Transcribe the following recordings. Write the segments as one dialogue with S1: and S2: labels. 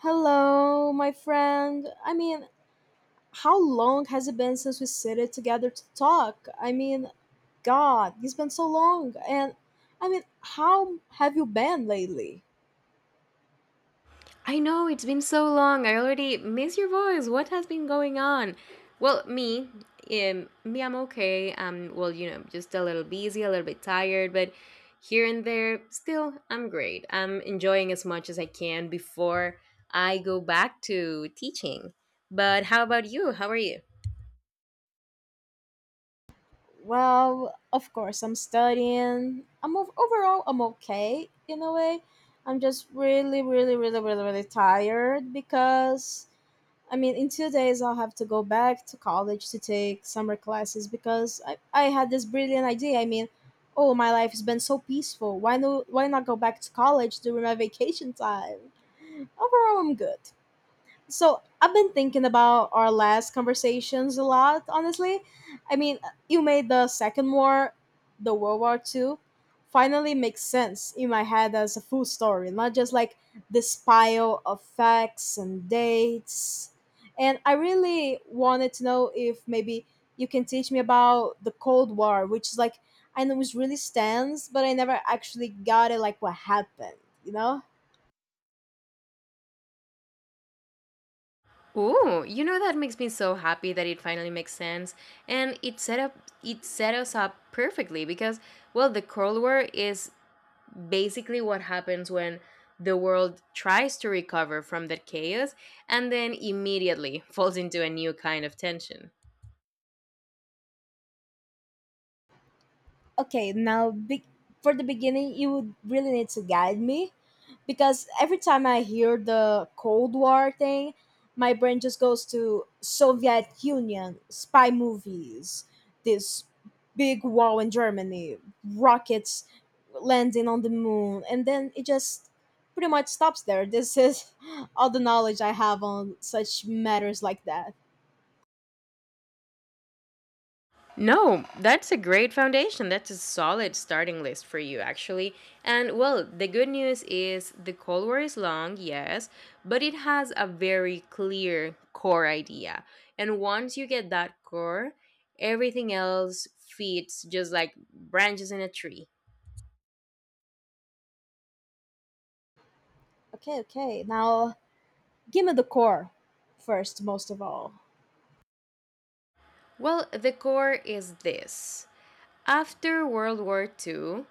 S1: Hello, my friend. How long has it been since we sat together to talk? God, it's been so long. And how have you been lately?
S2: I know it's been so long. I already miss your voice. What has been going on? Well, me, I'm okay. Just a little busy, a little bit tired, but here and there, still, I'm great. I'm enjoying as much as I can before I go back to teaching. But how about you? How are you?
S1: Well, of course, I'm studying. Overall, I'm okay in a way. I'm just really, really, really, really, really tired because in 2 days, I'll have to go back to college to take summer classes because I had this brilliant idea. Oh, my life has been so peaceful. Why no? Why not go back to college during my vacation time? Overall, I'm good. So I've been thinking about our last conversations a lot, honestly. I mean, you made the Second War, the World War Two, finally make sense in my head as a full story, not just like this pile of facts and dates. And I really wanted to know if maybe you can teach me about the Cold War, which is like I know it really stands, but I never actually got it like what happened, you know?
S2: Ooh, you know that makes me so happy that it finally makes sense, and it set us up perfectly because well, the Cold War is basically what happens when the world tries to recover from that chaos and then immediately falls into a new kind of tension.
S1: Okay, now for the beginning, you would really need to guide me, because every time I hear the Cold War thing, my brain just goes to Soviet Union spy movies, this big wall in Germany, rockets landing on the moon, and then it just pretty much stops there. This is all the knowledge I have on such matters like that.
S2: No, that's a great foundation. That's a solid starting list for you, actually. And well, the good news is the Cold War is long, yes, but it has a very clear core idea. And once you get that core, everything else fits just like branches in a tree.
S1: Okay, okay, now give me the core, first most of all.
S2: Well, the core is this. After World War Two,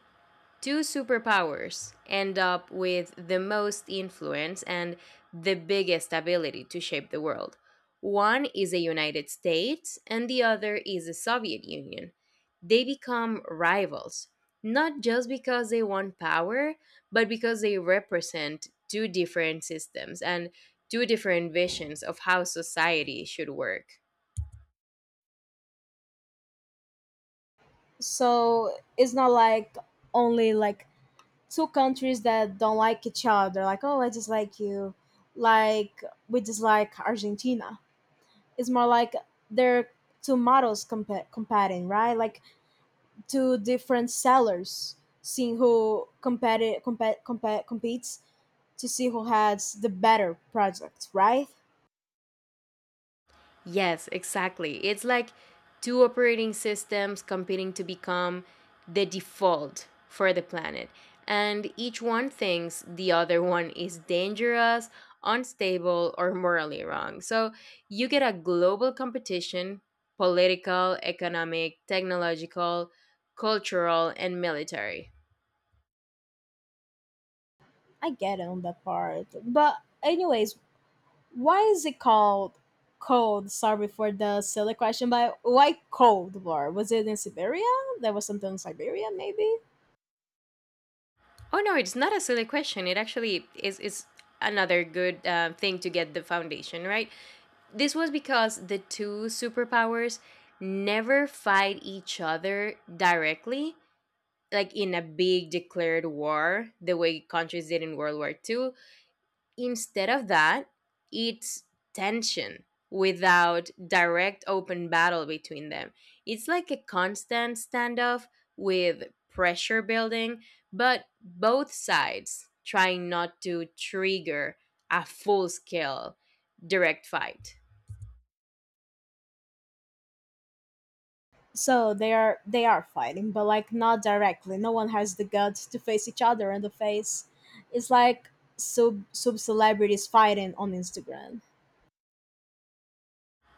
S2: two superpowers end up with the most influence and the biggest ability to shape the world. One is the United States, and the other is the Soviet Union. They become rivals, not just because they want power, but because they represent two different systems and two different visions of how society should work.
S1: So it's not like only like two countries that don't like each other, like, oh, I dislike you, like we dislike Argentina. It's more like they're two models competing, right? Like two different sellers seeing who competes to see who has the better project, right?
S2: Yes, exactly. It's like two operating systems competing to become the default for the planet. And each one thinks the other one is dangerous, unstable, or morally wrong. So you get a global competition, political, economic, technological, cultural, and military.
S1: I get it on that part, but anyways, why is it called cold? Sorry for the silly question, but why Cold War? Was it in Siberia? There was something in Siberia, maybe.
S2: Oh no, it's not a silly question. It actually is another good thing to get the foundation, right? This was because the two superpowers never fight each other directly, like in a big declared war, the way countries did in World War Two. Instead of that, it's tension without direct open battle between them. It's like a constant standoff with pressure building, but both sides trying not to trigger a full scale direct fight.
S1: So they are, they are fighting, but like not directly. No one has the guts to face each other in the face. It's like sub celebrities fighting on Instagram.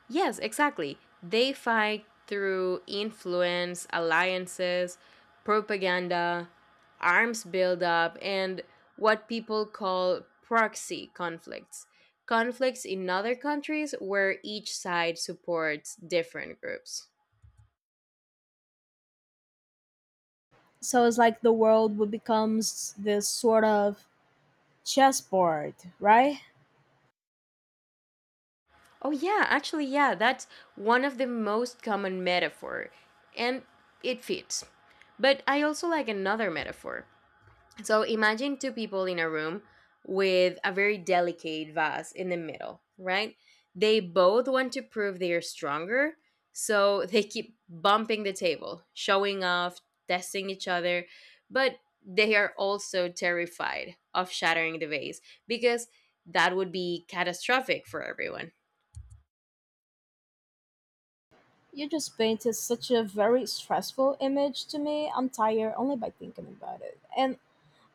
S2: Yes, exactly. They fight through influence, alliances, propaganda, arms buildup, and what people call proxy conflicts. Conflicts in other countries where each side supports different groups.
S1: So it's like the world would becomes this sort of chessboard, right?
S2: Oh, yeah, actually, yeah, that's one of the most common metaphor, and it fits. But I also like another metaphor. So imagine two people in a room with a very delicate vase in the middle, right? They both want to prove they are stronger, so they keep bumping the table, showing off, testing each other, but they are also terrified of shattering the vase because that would be catastrophic for everyone.
S1: You just painted such a very stressful image to me. I'm tired only by thinking about it. And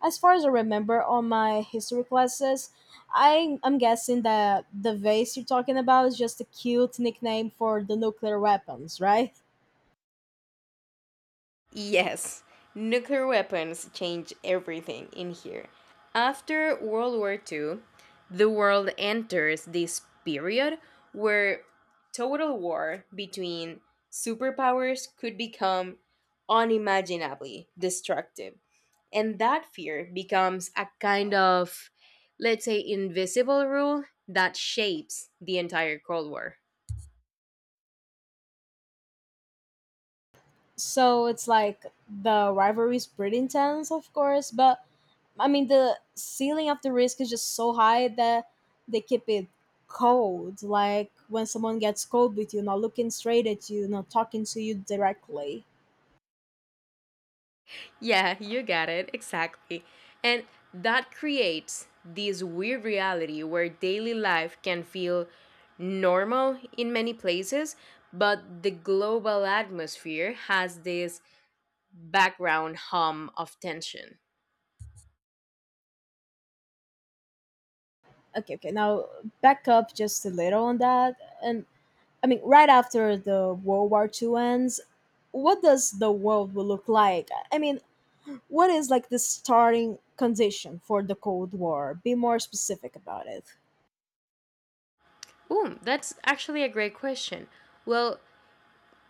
S1: as far as I remember on my history classes, I'm guessing that the vase you're talking about is just a cute nickname for the nuclear weapons, right?
S2: Yes, nuclear weapons changed everything in here. After World War Two, the world enters this period where total war between superpowers could become unimaginably destructive. And that fear becomes a kind of, let's say, invisible rule that shapes the entire Cold War.
S1: So it's like the rivalry is pretty intense, of course, but the ceiling of the risk is just so high that they keep it cold. Like when someone gets cold with you, not looking straight at you, not talking to you directly.
S2: Yeah, you got it. Exactly. And that creates this weird reality where daily life can feel normal in many places, but the global atmosphere has this background hum of tension.
S1: Okay, okay, now back up just a little on that. And right after the World War Two ends, what does the world will look like? What is like the starting condition for the Cold War? Be more specific about it.
S2: Ooh, that's actually a great question. Well,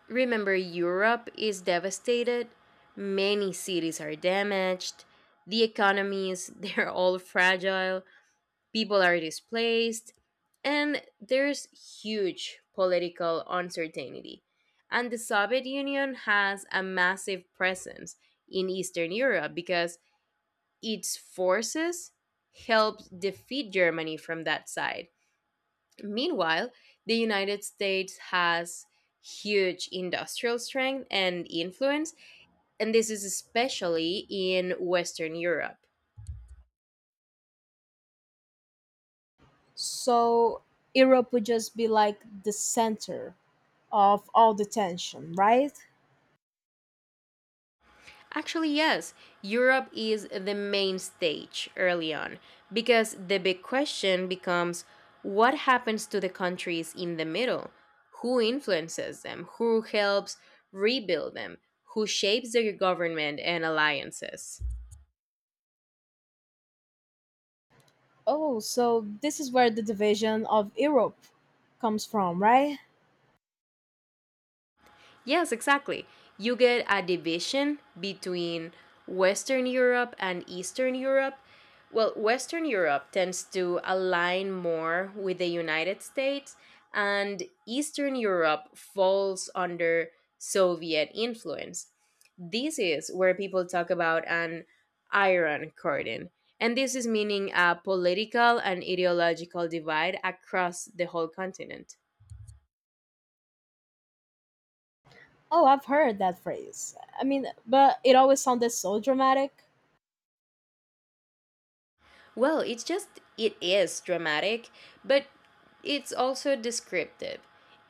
S2: remember, Europe is devastated, many cities are damaged, the economies, they're all fragile, people are displaced, and there's huge political uncertainty. And the Soviet Union has a massive presence in Eastern Europe because its forces helped defeat Germany from that side. Meanwhile, the United States has huge industrial strength and influence, and this is especially in Western Europe.
S1: So Europe would just be like the center of all the tension, right?
S2: Actually, yes, Europe is the main stage early on because the big question becomes, what happens to the countries in the middle? Who influences them? Who helps rebuild them? Who shapes their government and alliances?
S1: Oh, so this is where the division of Europe comes from, right?
S2: Yes, exactly. You get a division between Western Europe and Eastern Europe. Well, Western Europe tends to align more with the United States, and Eastern Europe falls under Soviet influence. This is where people talk about an iron curtain. And this is meaning a political and ideological divide across the whole continent.
S1: Oh, I've heard that phrase. But it always sounded so dramatic.
S2: Well, it is dramatic, but it's also descriptive.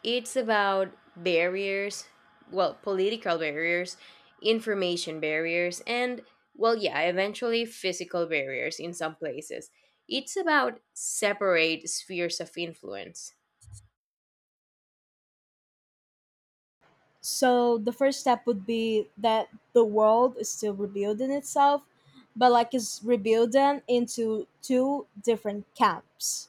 S2: It's about barriers, well, political barriers, information barriers, and, well, yeah, eventually physical barriers in some places. It's about separate spheres of influence.
S1: So the first step would be that the world is still rebuilding itself, but like it's rebuilding into two different camps.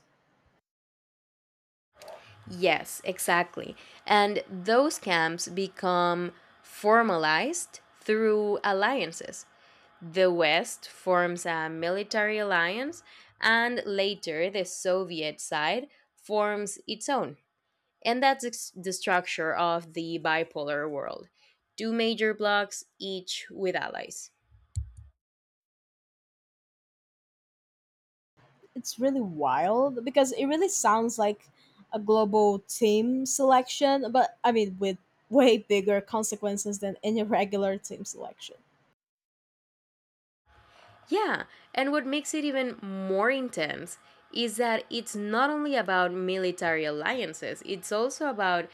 S2: Yes, exactly. And those camps become formalized through alliances. The West forms a military alliance, and later the Soviet side forms its own. And that's the structure of the bipolar world, two major blocs, each with allies.
S1: It's really wild because it really sounds like a global team selection, but with way bigger consequences than any regular team selection.
S2: Yeah, and what makes it even more intense is that it's not only about military alliances, it's also about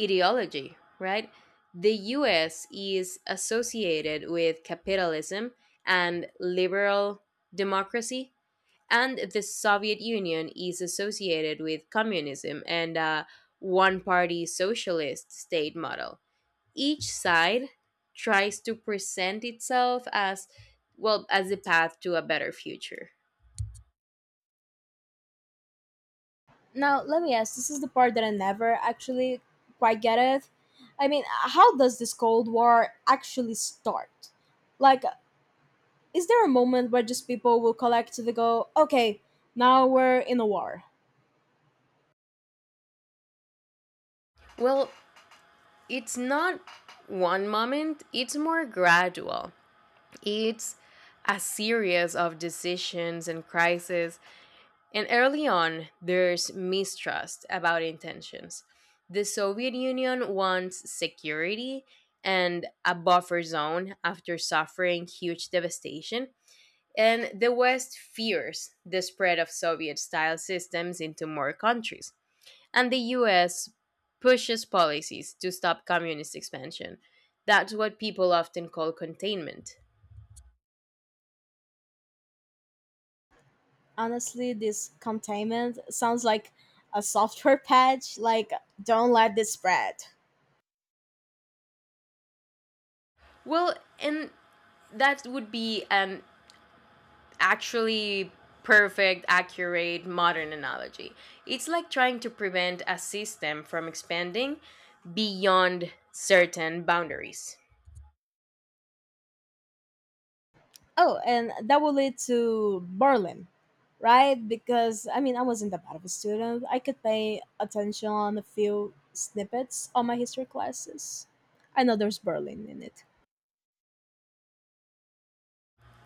S2: ideology, right? The US is associated with capitalism and liberal democracy, and the Soviet Union is associated with communism and a one party socialist state model. Each side tries to present itself as, well, as the path to a better future.
S1: Now let me ask, this is the part that I never actually quite get it. How does this Cold War actually start? like Is there a moment where just people will collect to go, okay, now we're in a war?
S2: Well, it's not one moment, it's more gradual. It's a series of decisions and crises, and early on, there's mistrust about intentions. The Soviet Union wants security and a buffer zone after suffering huge devastation, and the West fears the spread of Soviet style systems into more countries. And the US pushes policies to stop communist expansion. That's what people often call containment.
S1: Honestly, this containment sounds like a software patch, like, don't let this spread.
S2: Well, and that would be an actually perfect, accurate, modern analogy. It's like trying to prevent a system from expanding beyond certain boundaries.
S1: Oh, and that will lead to Berlin, right? Because, I wasn't that bad of a student. I could pay attention on a few snippets on my history classes. I know there's Berlin in it.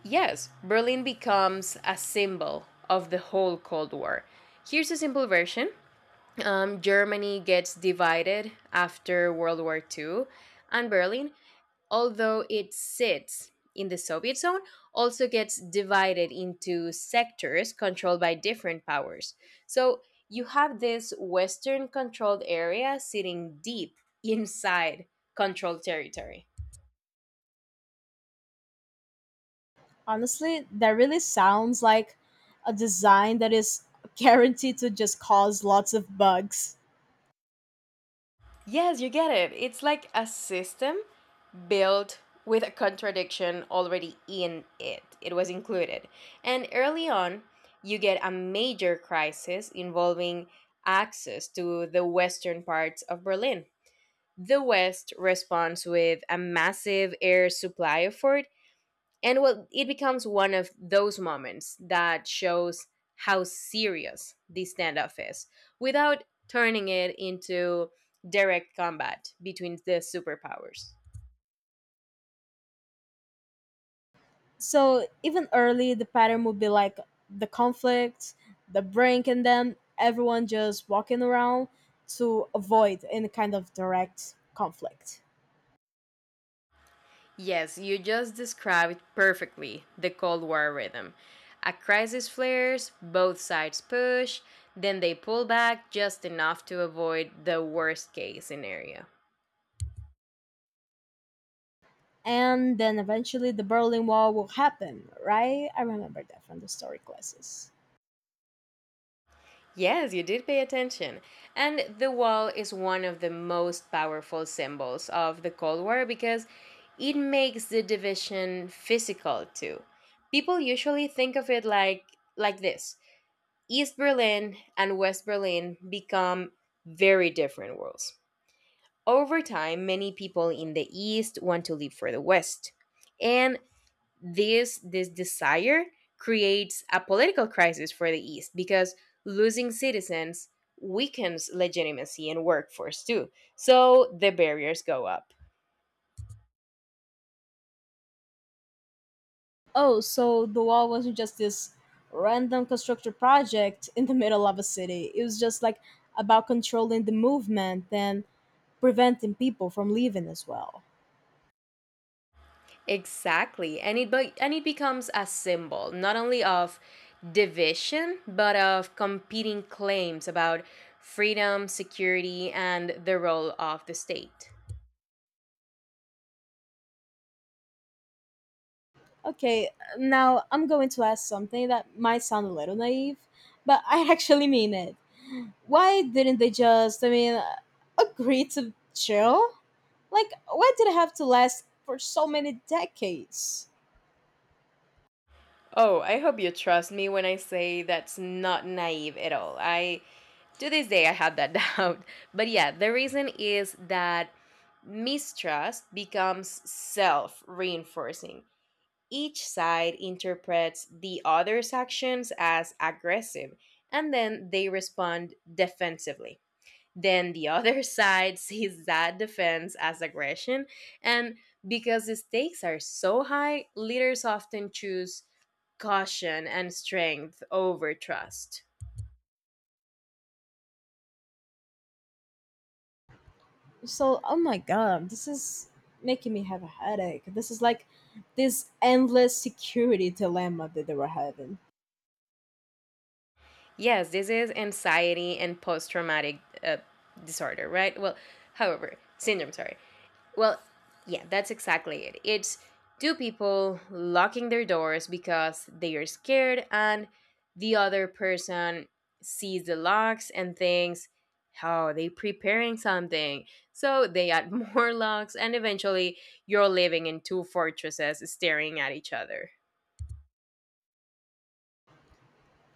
S2: Yes, Berlin becomes a symbol of the whole Cold War. Here's a simple version. Germany gets divided after World War Two, and Berlin, although it sits in the Soviet zone, also gets divided into sectors controlled by different powers. So you have this Western controlled area sitting deep inside controlled territory.
S1: Honestly, that really sounds like a design that is guaranteed to just cause lots of bugs.
S2: Yes, you get it. It's like a system built with a contradiction already in it. It was included. And early on, you get a major crisis involving access to the western parts of Berlin. The West responds with a massive air supply effort, and well, it becomes one of those moments that shows how serious this standoff is without turning it into direct combat between the superpowers.
S1: So even early, the pattern would be like the conflict, the brink, and then everyone just walking around to avoid any kind of direct conflict.
S2: Yes, you just described perfectly the Cold War rhythm. A crisis flares, both sides push, then they pull back just enough to avoid the worst case scenario.
S1: And then eventually the Berlin Wall will happen, right? I remember that from the story classes.
S2: Yes, you did pay attention. And the wall is one of the most powerful symbols of the Cold War because it makes the division physical too. People usually think of it like this. East Berlin and West Berlin become very different worlds. Over time, many people in the East want to leave for the West. And this desire creates a political crisis for the east because losing citizens weakens legitimacy and workforce too, so the barriers go up.
S1: Oh, so the wall wasn't just this random constructed project in the middle of a city. It was just like about controlling the movement and preventing people from leaving as well.
S2: Exactly, and it becomes a symbol not only of division but of competing claims about freedom, security and the role of the state.
S1: Okay, now I'm going to ask something that might sound a little naive, but I actually mean it. Why didn't they just, agree to chill? Like, why did it have to last for so many decades?
S2: Oh, I hope you trust me when I say that's not naive at all. I To this day, I have that doubt. But yeah, the reason is that mistrust becomes self reinforcing. Each side interprets the other's actions as aggressive, and then they respond defensively. Then the other side sees that defense as aggression, and because the stakes are so high, leaders often choose caution and strength over trust.
S1: So, oh my god, this is making me have a headache. This is like this endless security dilemma that they were having.
S2: Yes, this is anxiety and post traumatic uh, disorder, right? Well, however, syndrome, sorry. Well, yeah, that's exactly it. It's two people locking their doors because they are scared and the other person sees the locks and thinks, "Oh, they preparing something." So they add more locks and eventually you're living in two fortresses staring at each other.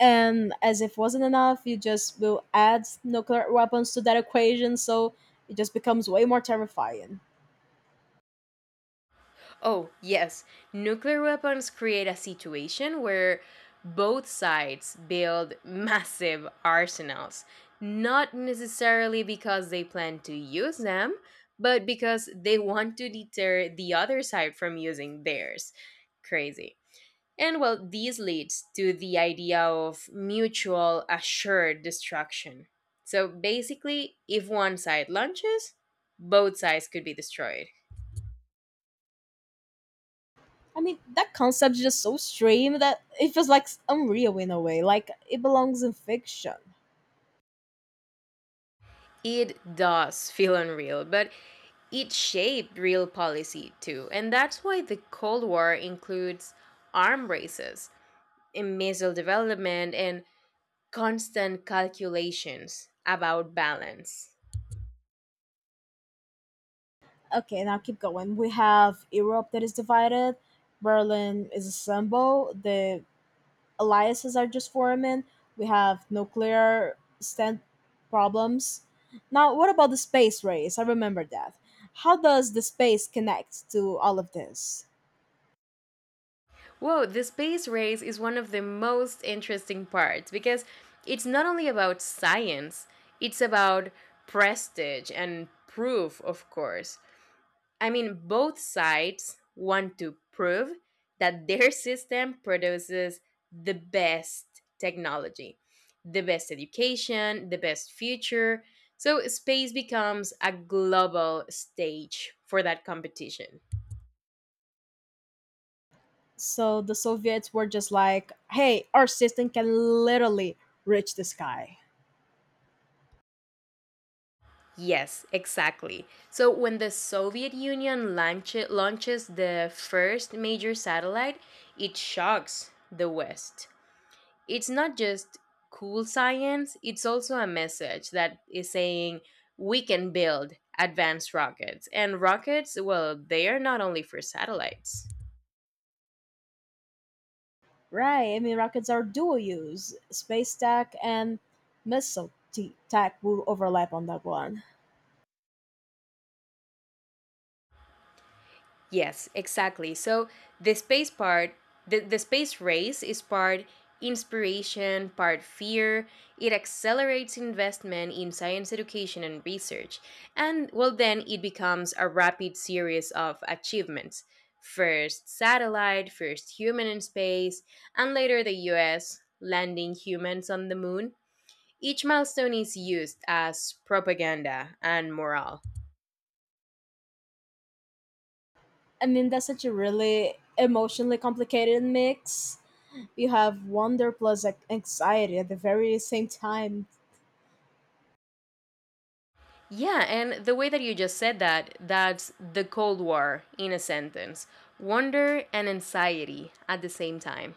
S1: And as if wasn't enough, you just will add nuclear weapons to that equation, so it just becomes way more terrifying.
S2: Oh, yes. Nuclear weapons create a situation where both sides build massive arsenals, not necessarily because they plan to use them, but because they want to deter the other side from using theirs. Crazy. And well, this leads to the idea of mutual assured destruction. So basically, if one side launches, both sides could be destroyed.
S1: That concept is just so extreme that it feels like unreal in a way, like it belongs in fiction.
S2: It does feel unreal, but it shaped real policy too. And that's why the Cold War includes arm races, in missile development, and constant calculations about balance.
S1: Okay, now keep going. We have Europe that is divided. Berlin is a symbol. The alliances are just forming. We have nuclear stand problems. Now, what about the space race? I remember that. How does the space connect to all of this?
S2: Whoa, the space race is one of the most interesting parts because it's not only about science, it's about prestige and proof, of course. I mean, both sides want to prove that their system produces the best technology, the best education, the best future. So, space becomes a global stage for that competition.
S1: So the Soviets were just like, hey, our system can literally reach the sky.
S2: Yes, exactly. So, when the Soviet Union launches the first major satellite, it shocks the West. It's not just cool science, it's also a message that is saying we can build advanced rockets. And rockets, well, they are not only for satellites.
S1: Right. Rockets are dual use. Space tech and missile tech will overlap on that one.
S2: Yes, exactly. So the space part, the space race is part inspiration, part fear. It accelerates investment in science education and research. And well, then it becomes a rapid series of achievements. First satellite, first human in space, and later the US landing humans on the moon. Each milestone is used as propaganda and morale.
S1: That's such a really emotionally complicated mix, you have wonder plus anxiety at the very same time.
S2: Yeah, and the way that you just said that, that's the Cold War in a sentence, wonder and anxiety at the same time.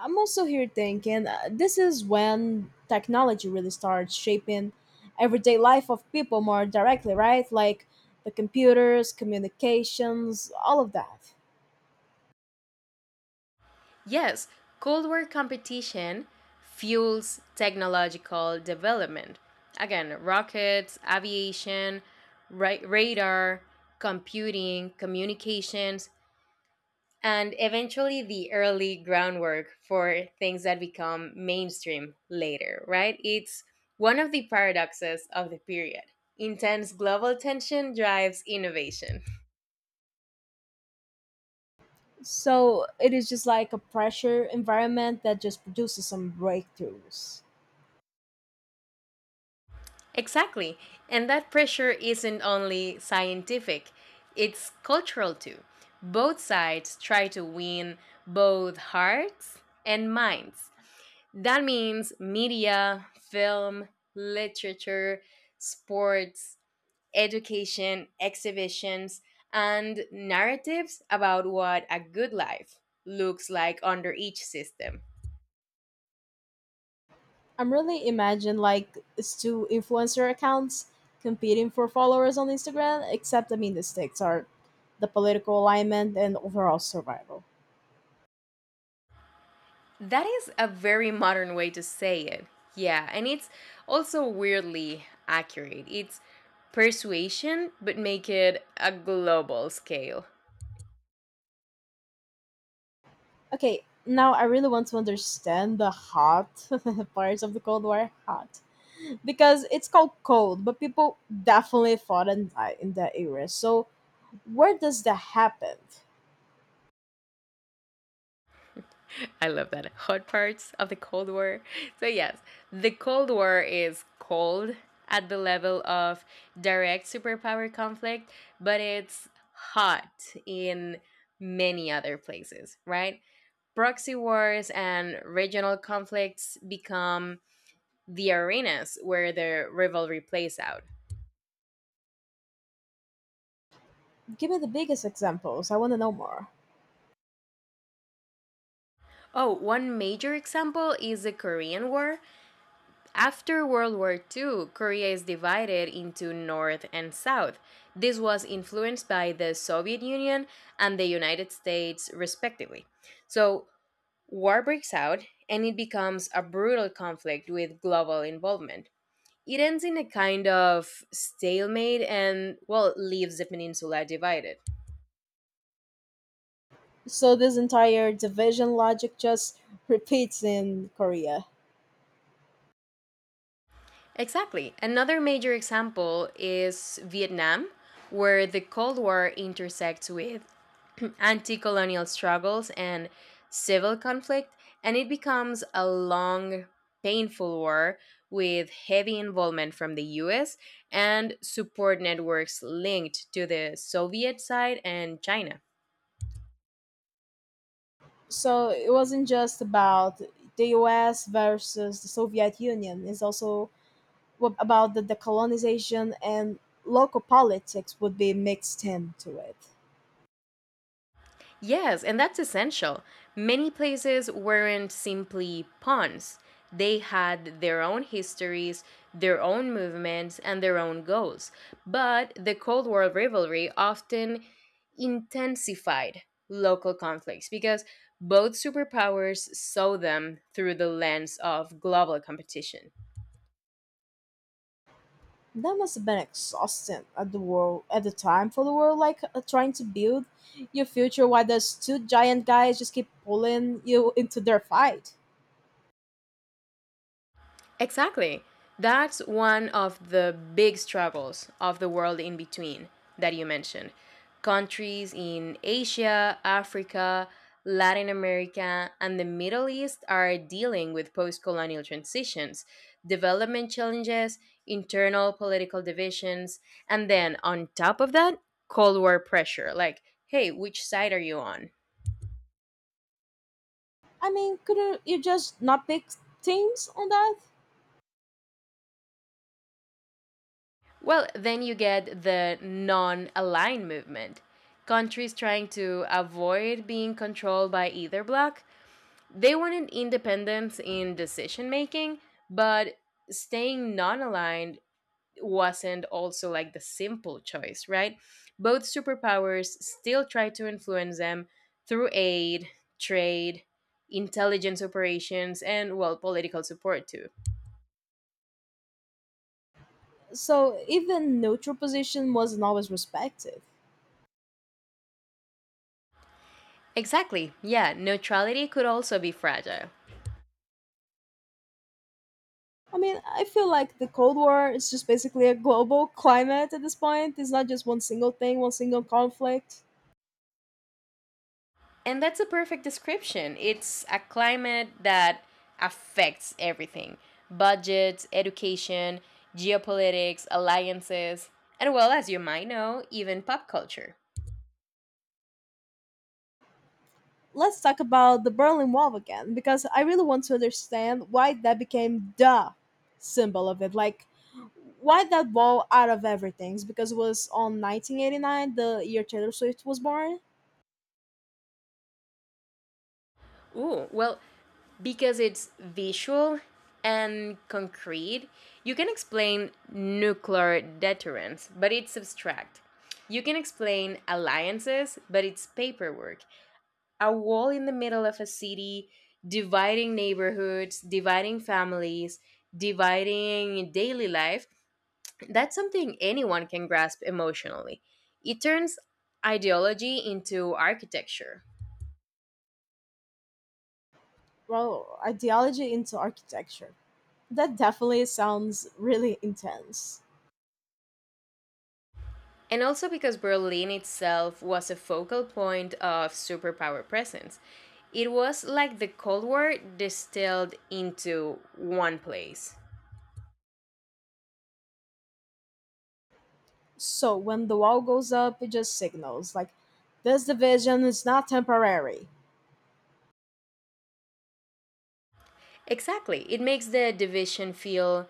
S1: I'm also here thinking this is when technology really starts shaping everyday life of people more directly, right? Like the computers, communications, all of that.
S2: Yes, Cold War competition fuels technological development. Again, rockets, aviation, radar, computing, communications, and eventually the early groundwork for things that become mainstream later, right? It's one of the paradoxes of the period. Intense global tension drives innovation.
S1: So it is just like a pressure environment that just produces some breakthroughs.
S2: Exactly. And that pressure isn't only scientific, it's cultural too. Both sides try to win both hearts and minds. That means media, film, literature, sports, education, exhibitions, and narratives about what a good life looks like under each system.
S1: I'm really imagine like it's two influencer accounts competing for followers on Instagram, except the stakes are the political alignment and overall survival.
S2: That is a very modern way to say it. Yeah, and it's also weirdly accurate. It's persuasion, but make it a global scale.
S1: Okay, now I really want to understand the hot parts of the Cold War hot. Because it's called cold, but people definitely fought and died in that era. So where does that happen?
S2: I love that. Hot parts of the Cold War. So, yes, the Cold War is cold at the level of direct superpower conflict, but it's hot in many other places, right? Proxy wars and regional conflicts become the arenas where the rivalry plays out.
S1: Give me the biggest examples. I wanna know more.
S2: Oh, one major example is the Korean War. After World War II, Korea is divided into North and South. This was influenced by the Soviet Union and the United States, respectively. So, war breaks out and it becomes a brutal conflict with global involvement. It ends in a kind of stalemate and, well, leaves the peninsula divided.
S1: So this entire division logic just repeats in Korea.
S2: Exactly. Another major example is Vietnam, where the Cold War intersects with anti colonial struggles and civil conflict, and it becomes a long, painful war with heavy involvement from the US and support networks linked to the Soviet side and China.
S1: So it wasn't just about the US versus the Soviet Union. It's also about the decolonization and local politics would be mixed into it.
S2: Yes, and that's essential. Many places weren't simply pawns, they had their own histories, their own movements, and their own goals. But the Cold War rivalry often intensified local conflicts because both superpowers saw them through the lens of global competition.
S1: That must have been exhausting at the world at the time for the world, like trying to build your future while those two giant guys just keep pulling you into their fight.
S2: Exactly. That's one of the big struggles of the world in between that you mentioned. Countries in Asia, Africa, Latin America, and the Middle East are dealing with post colonial transitions, development challenges, internal political divisions, and then on top of that, Cold War pressure like, hey, which side are you on?
S1: Couldn't you just not pick teams on that?
S2: Well, then you get the non aligned movement. Countries trying to avoid being controlled by either bloc. They wanted independence in decision making, but staying non aligned wasn't also like the simple choice, right? Both superpowers still try to influence them through aid, trade, intelligence operations, and, well, political support too.
S1: So even neutral position wasn't always respected.
S2: Exactly, yeah, neutrality could also be fragile.
S1: I feel like the Cold War is just basically a global climate at this point. It's not just one single thing, one single conflict.
S2: And that's a perfect description. It's a climate that affects everything, budgets, education, geopolitics, alliances, and well, as you might know, even pop culture.
S1: Let's talk about the Berlin Wall again, because I really want to understand why that became the symbol of it. Like, why that wall out of everything? It's because it was on 1989, the year Taylor Swift was born.
S2: Ooh, well, because it's visual and concrete, you can explain nuclear deterrence, but it's abstract. You can explain alliances, but it's paperwork. A wall in the middle of a city, dividing neighborhoods, dividing families, dividing daily life, that's something anyone can grasp emotionally. It turns ideology into architecture.
S1: Well, ideology into architecture. That definitely sounds really intense.
S2: And also because Berlin itself was a focal point of superpower presence, it was like the Cold War distilled into one place.
S1: So when the wall goes up, it just signals like this division is not temporary.
S2: Exactly. It makes the division feel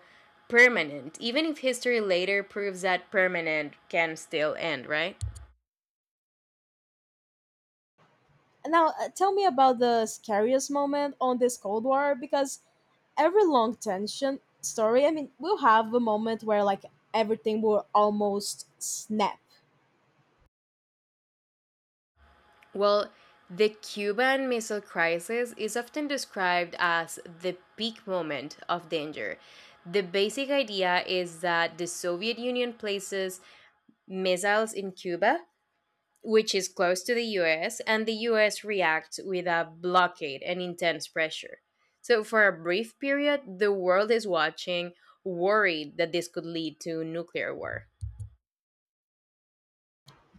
S2: permanent, even if history later proves that permanent can still end, right?
S1: And now tell me about the scariest moment on this Cold War because every long tension story, we'll have a moment where like everything will almost snap.
S2: Well, the Cuban Missile Crisis is often described as the peak moment of danger. The basic idea is that the Soviet Union places missiles in Cuba, which is close to the US, and the US reacts with a blockade and intense pressure. So, for a brief period, the world is watching, worried that this could lead to nuclear war.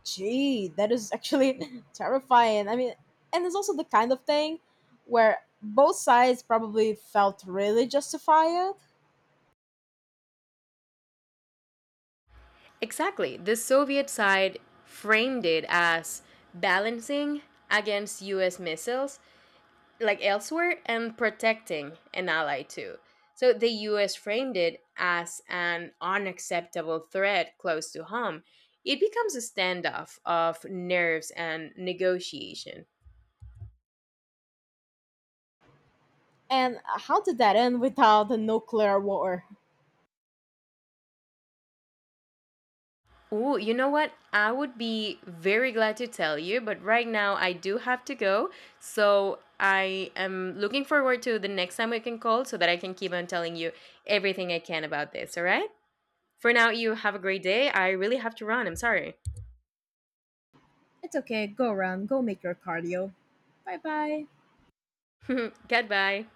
S1: Gee, that is actually terrifying. And it's also the kind of thing where both sides probably felt really justified.
S2: Exactly. The Soviet side framed it as balancing against US missiles like elsewhere and protecting an ally too. So the US framed it as an unacceptable threat close to home. It becomes a standoff of nerves and negotiation.
S1: And how did that end without a nuclear war?
S2: Ooh, you know what? I would be very glad to tell you, but right now I do have to go. So I am looking forward to the next time we can call so that I can keep on telling you everything I can about this, all right? For now, you have a great day. I really have to run. I'm sorry.
S1: It's okay. Go run. Go make your cardio. Bye bye.
S2: Goodbye.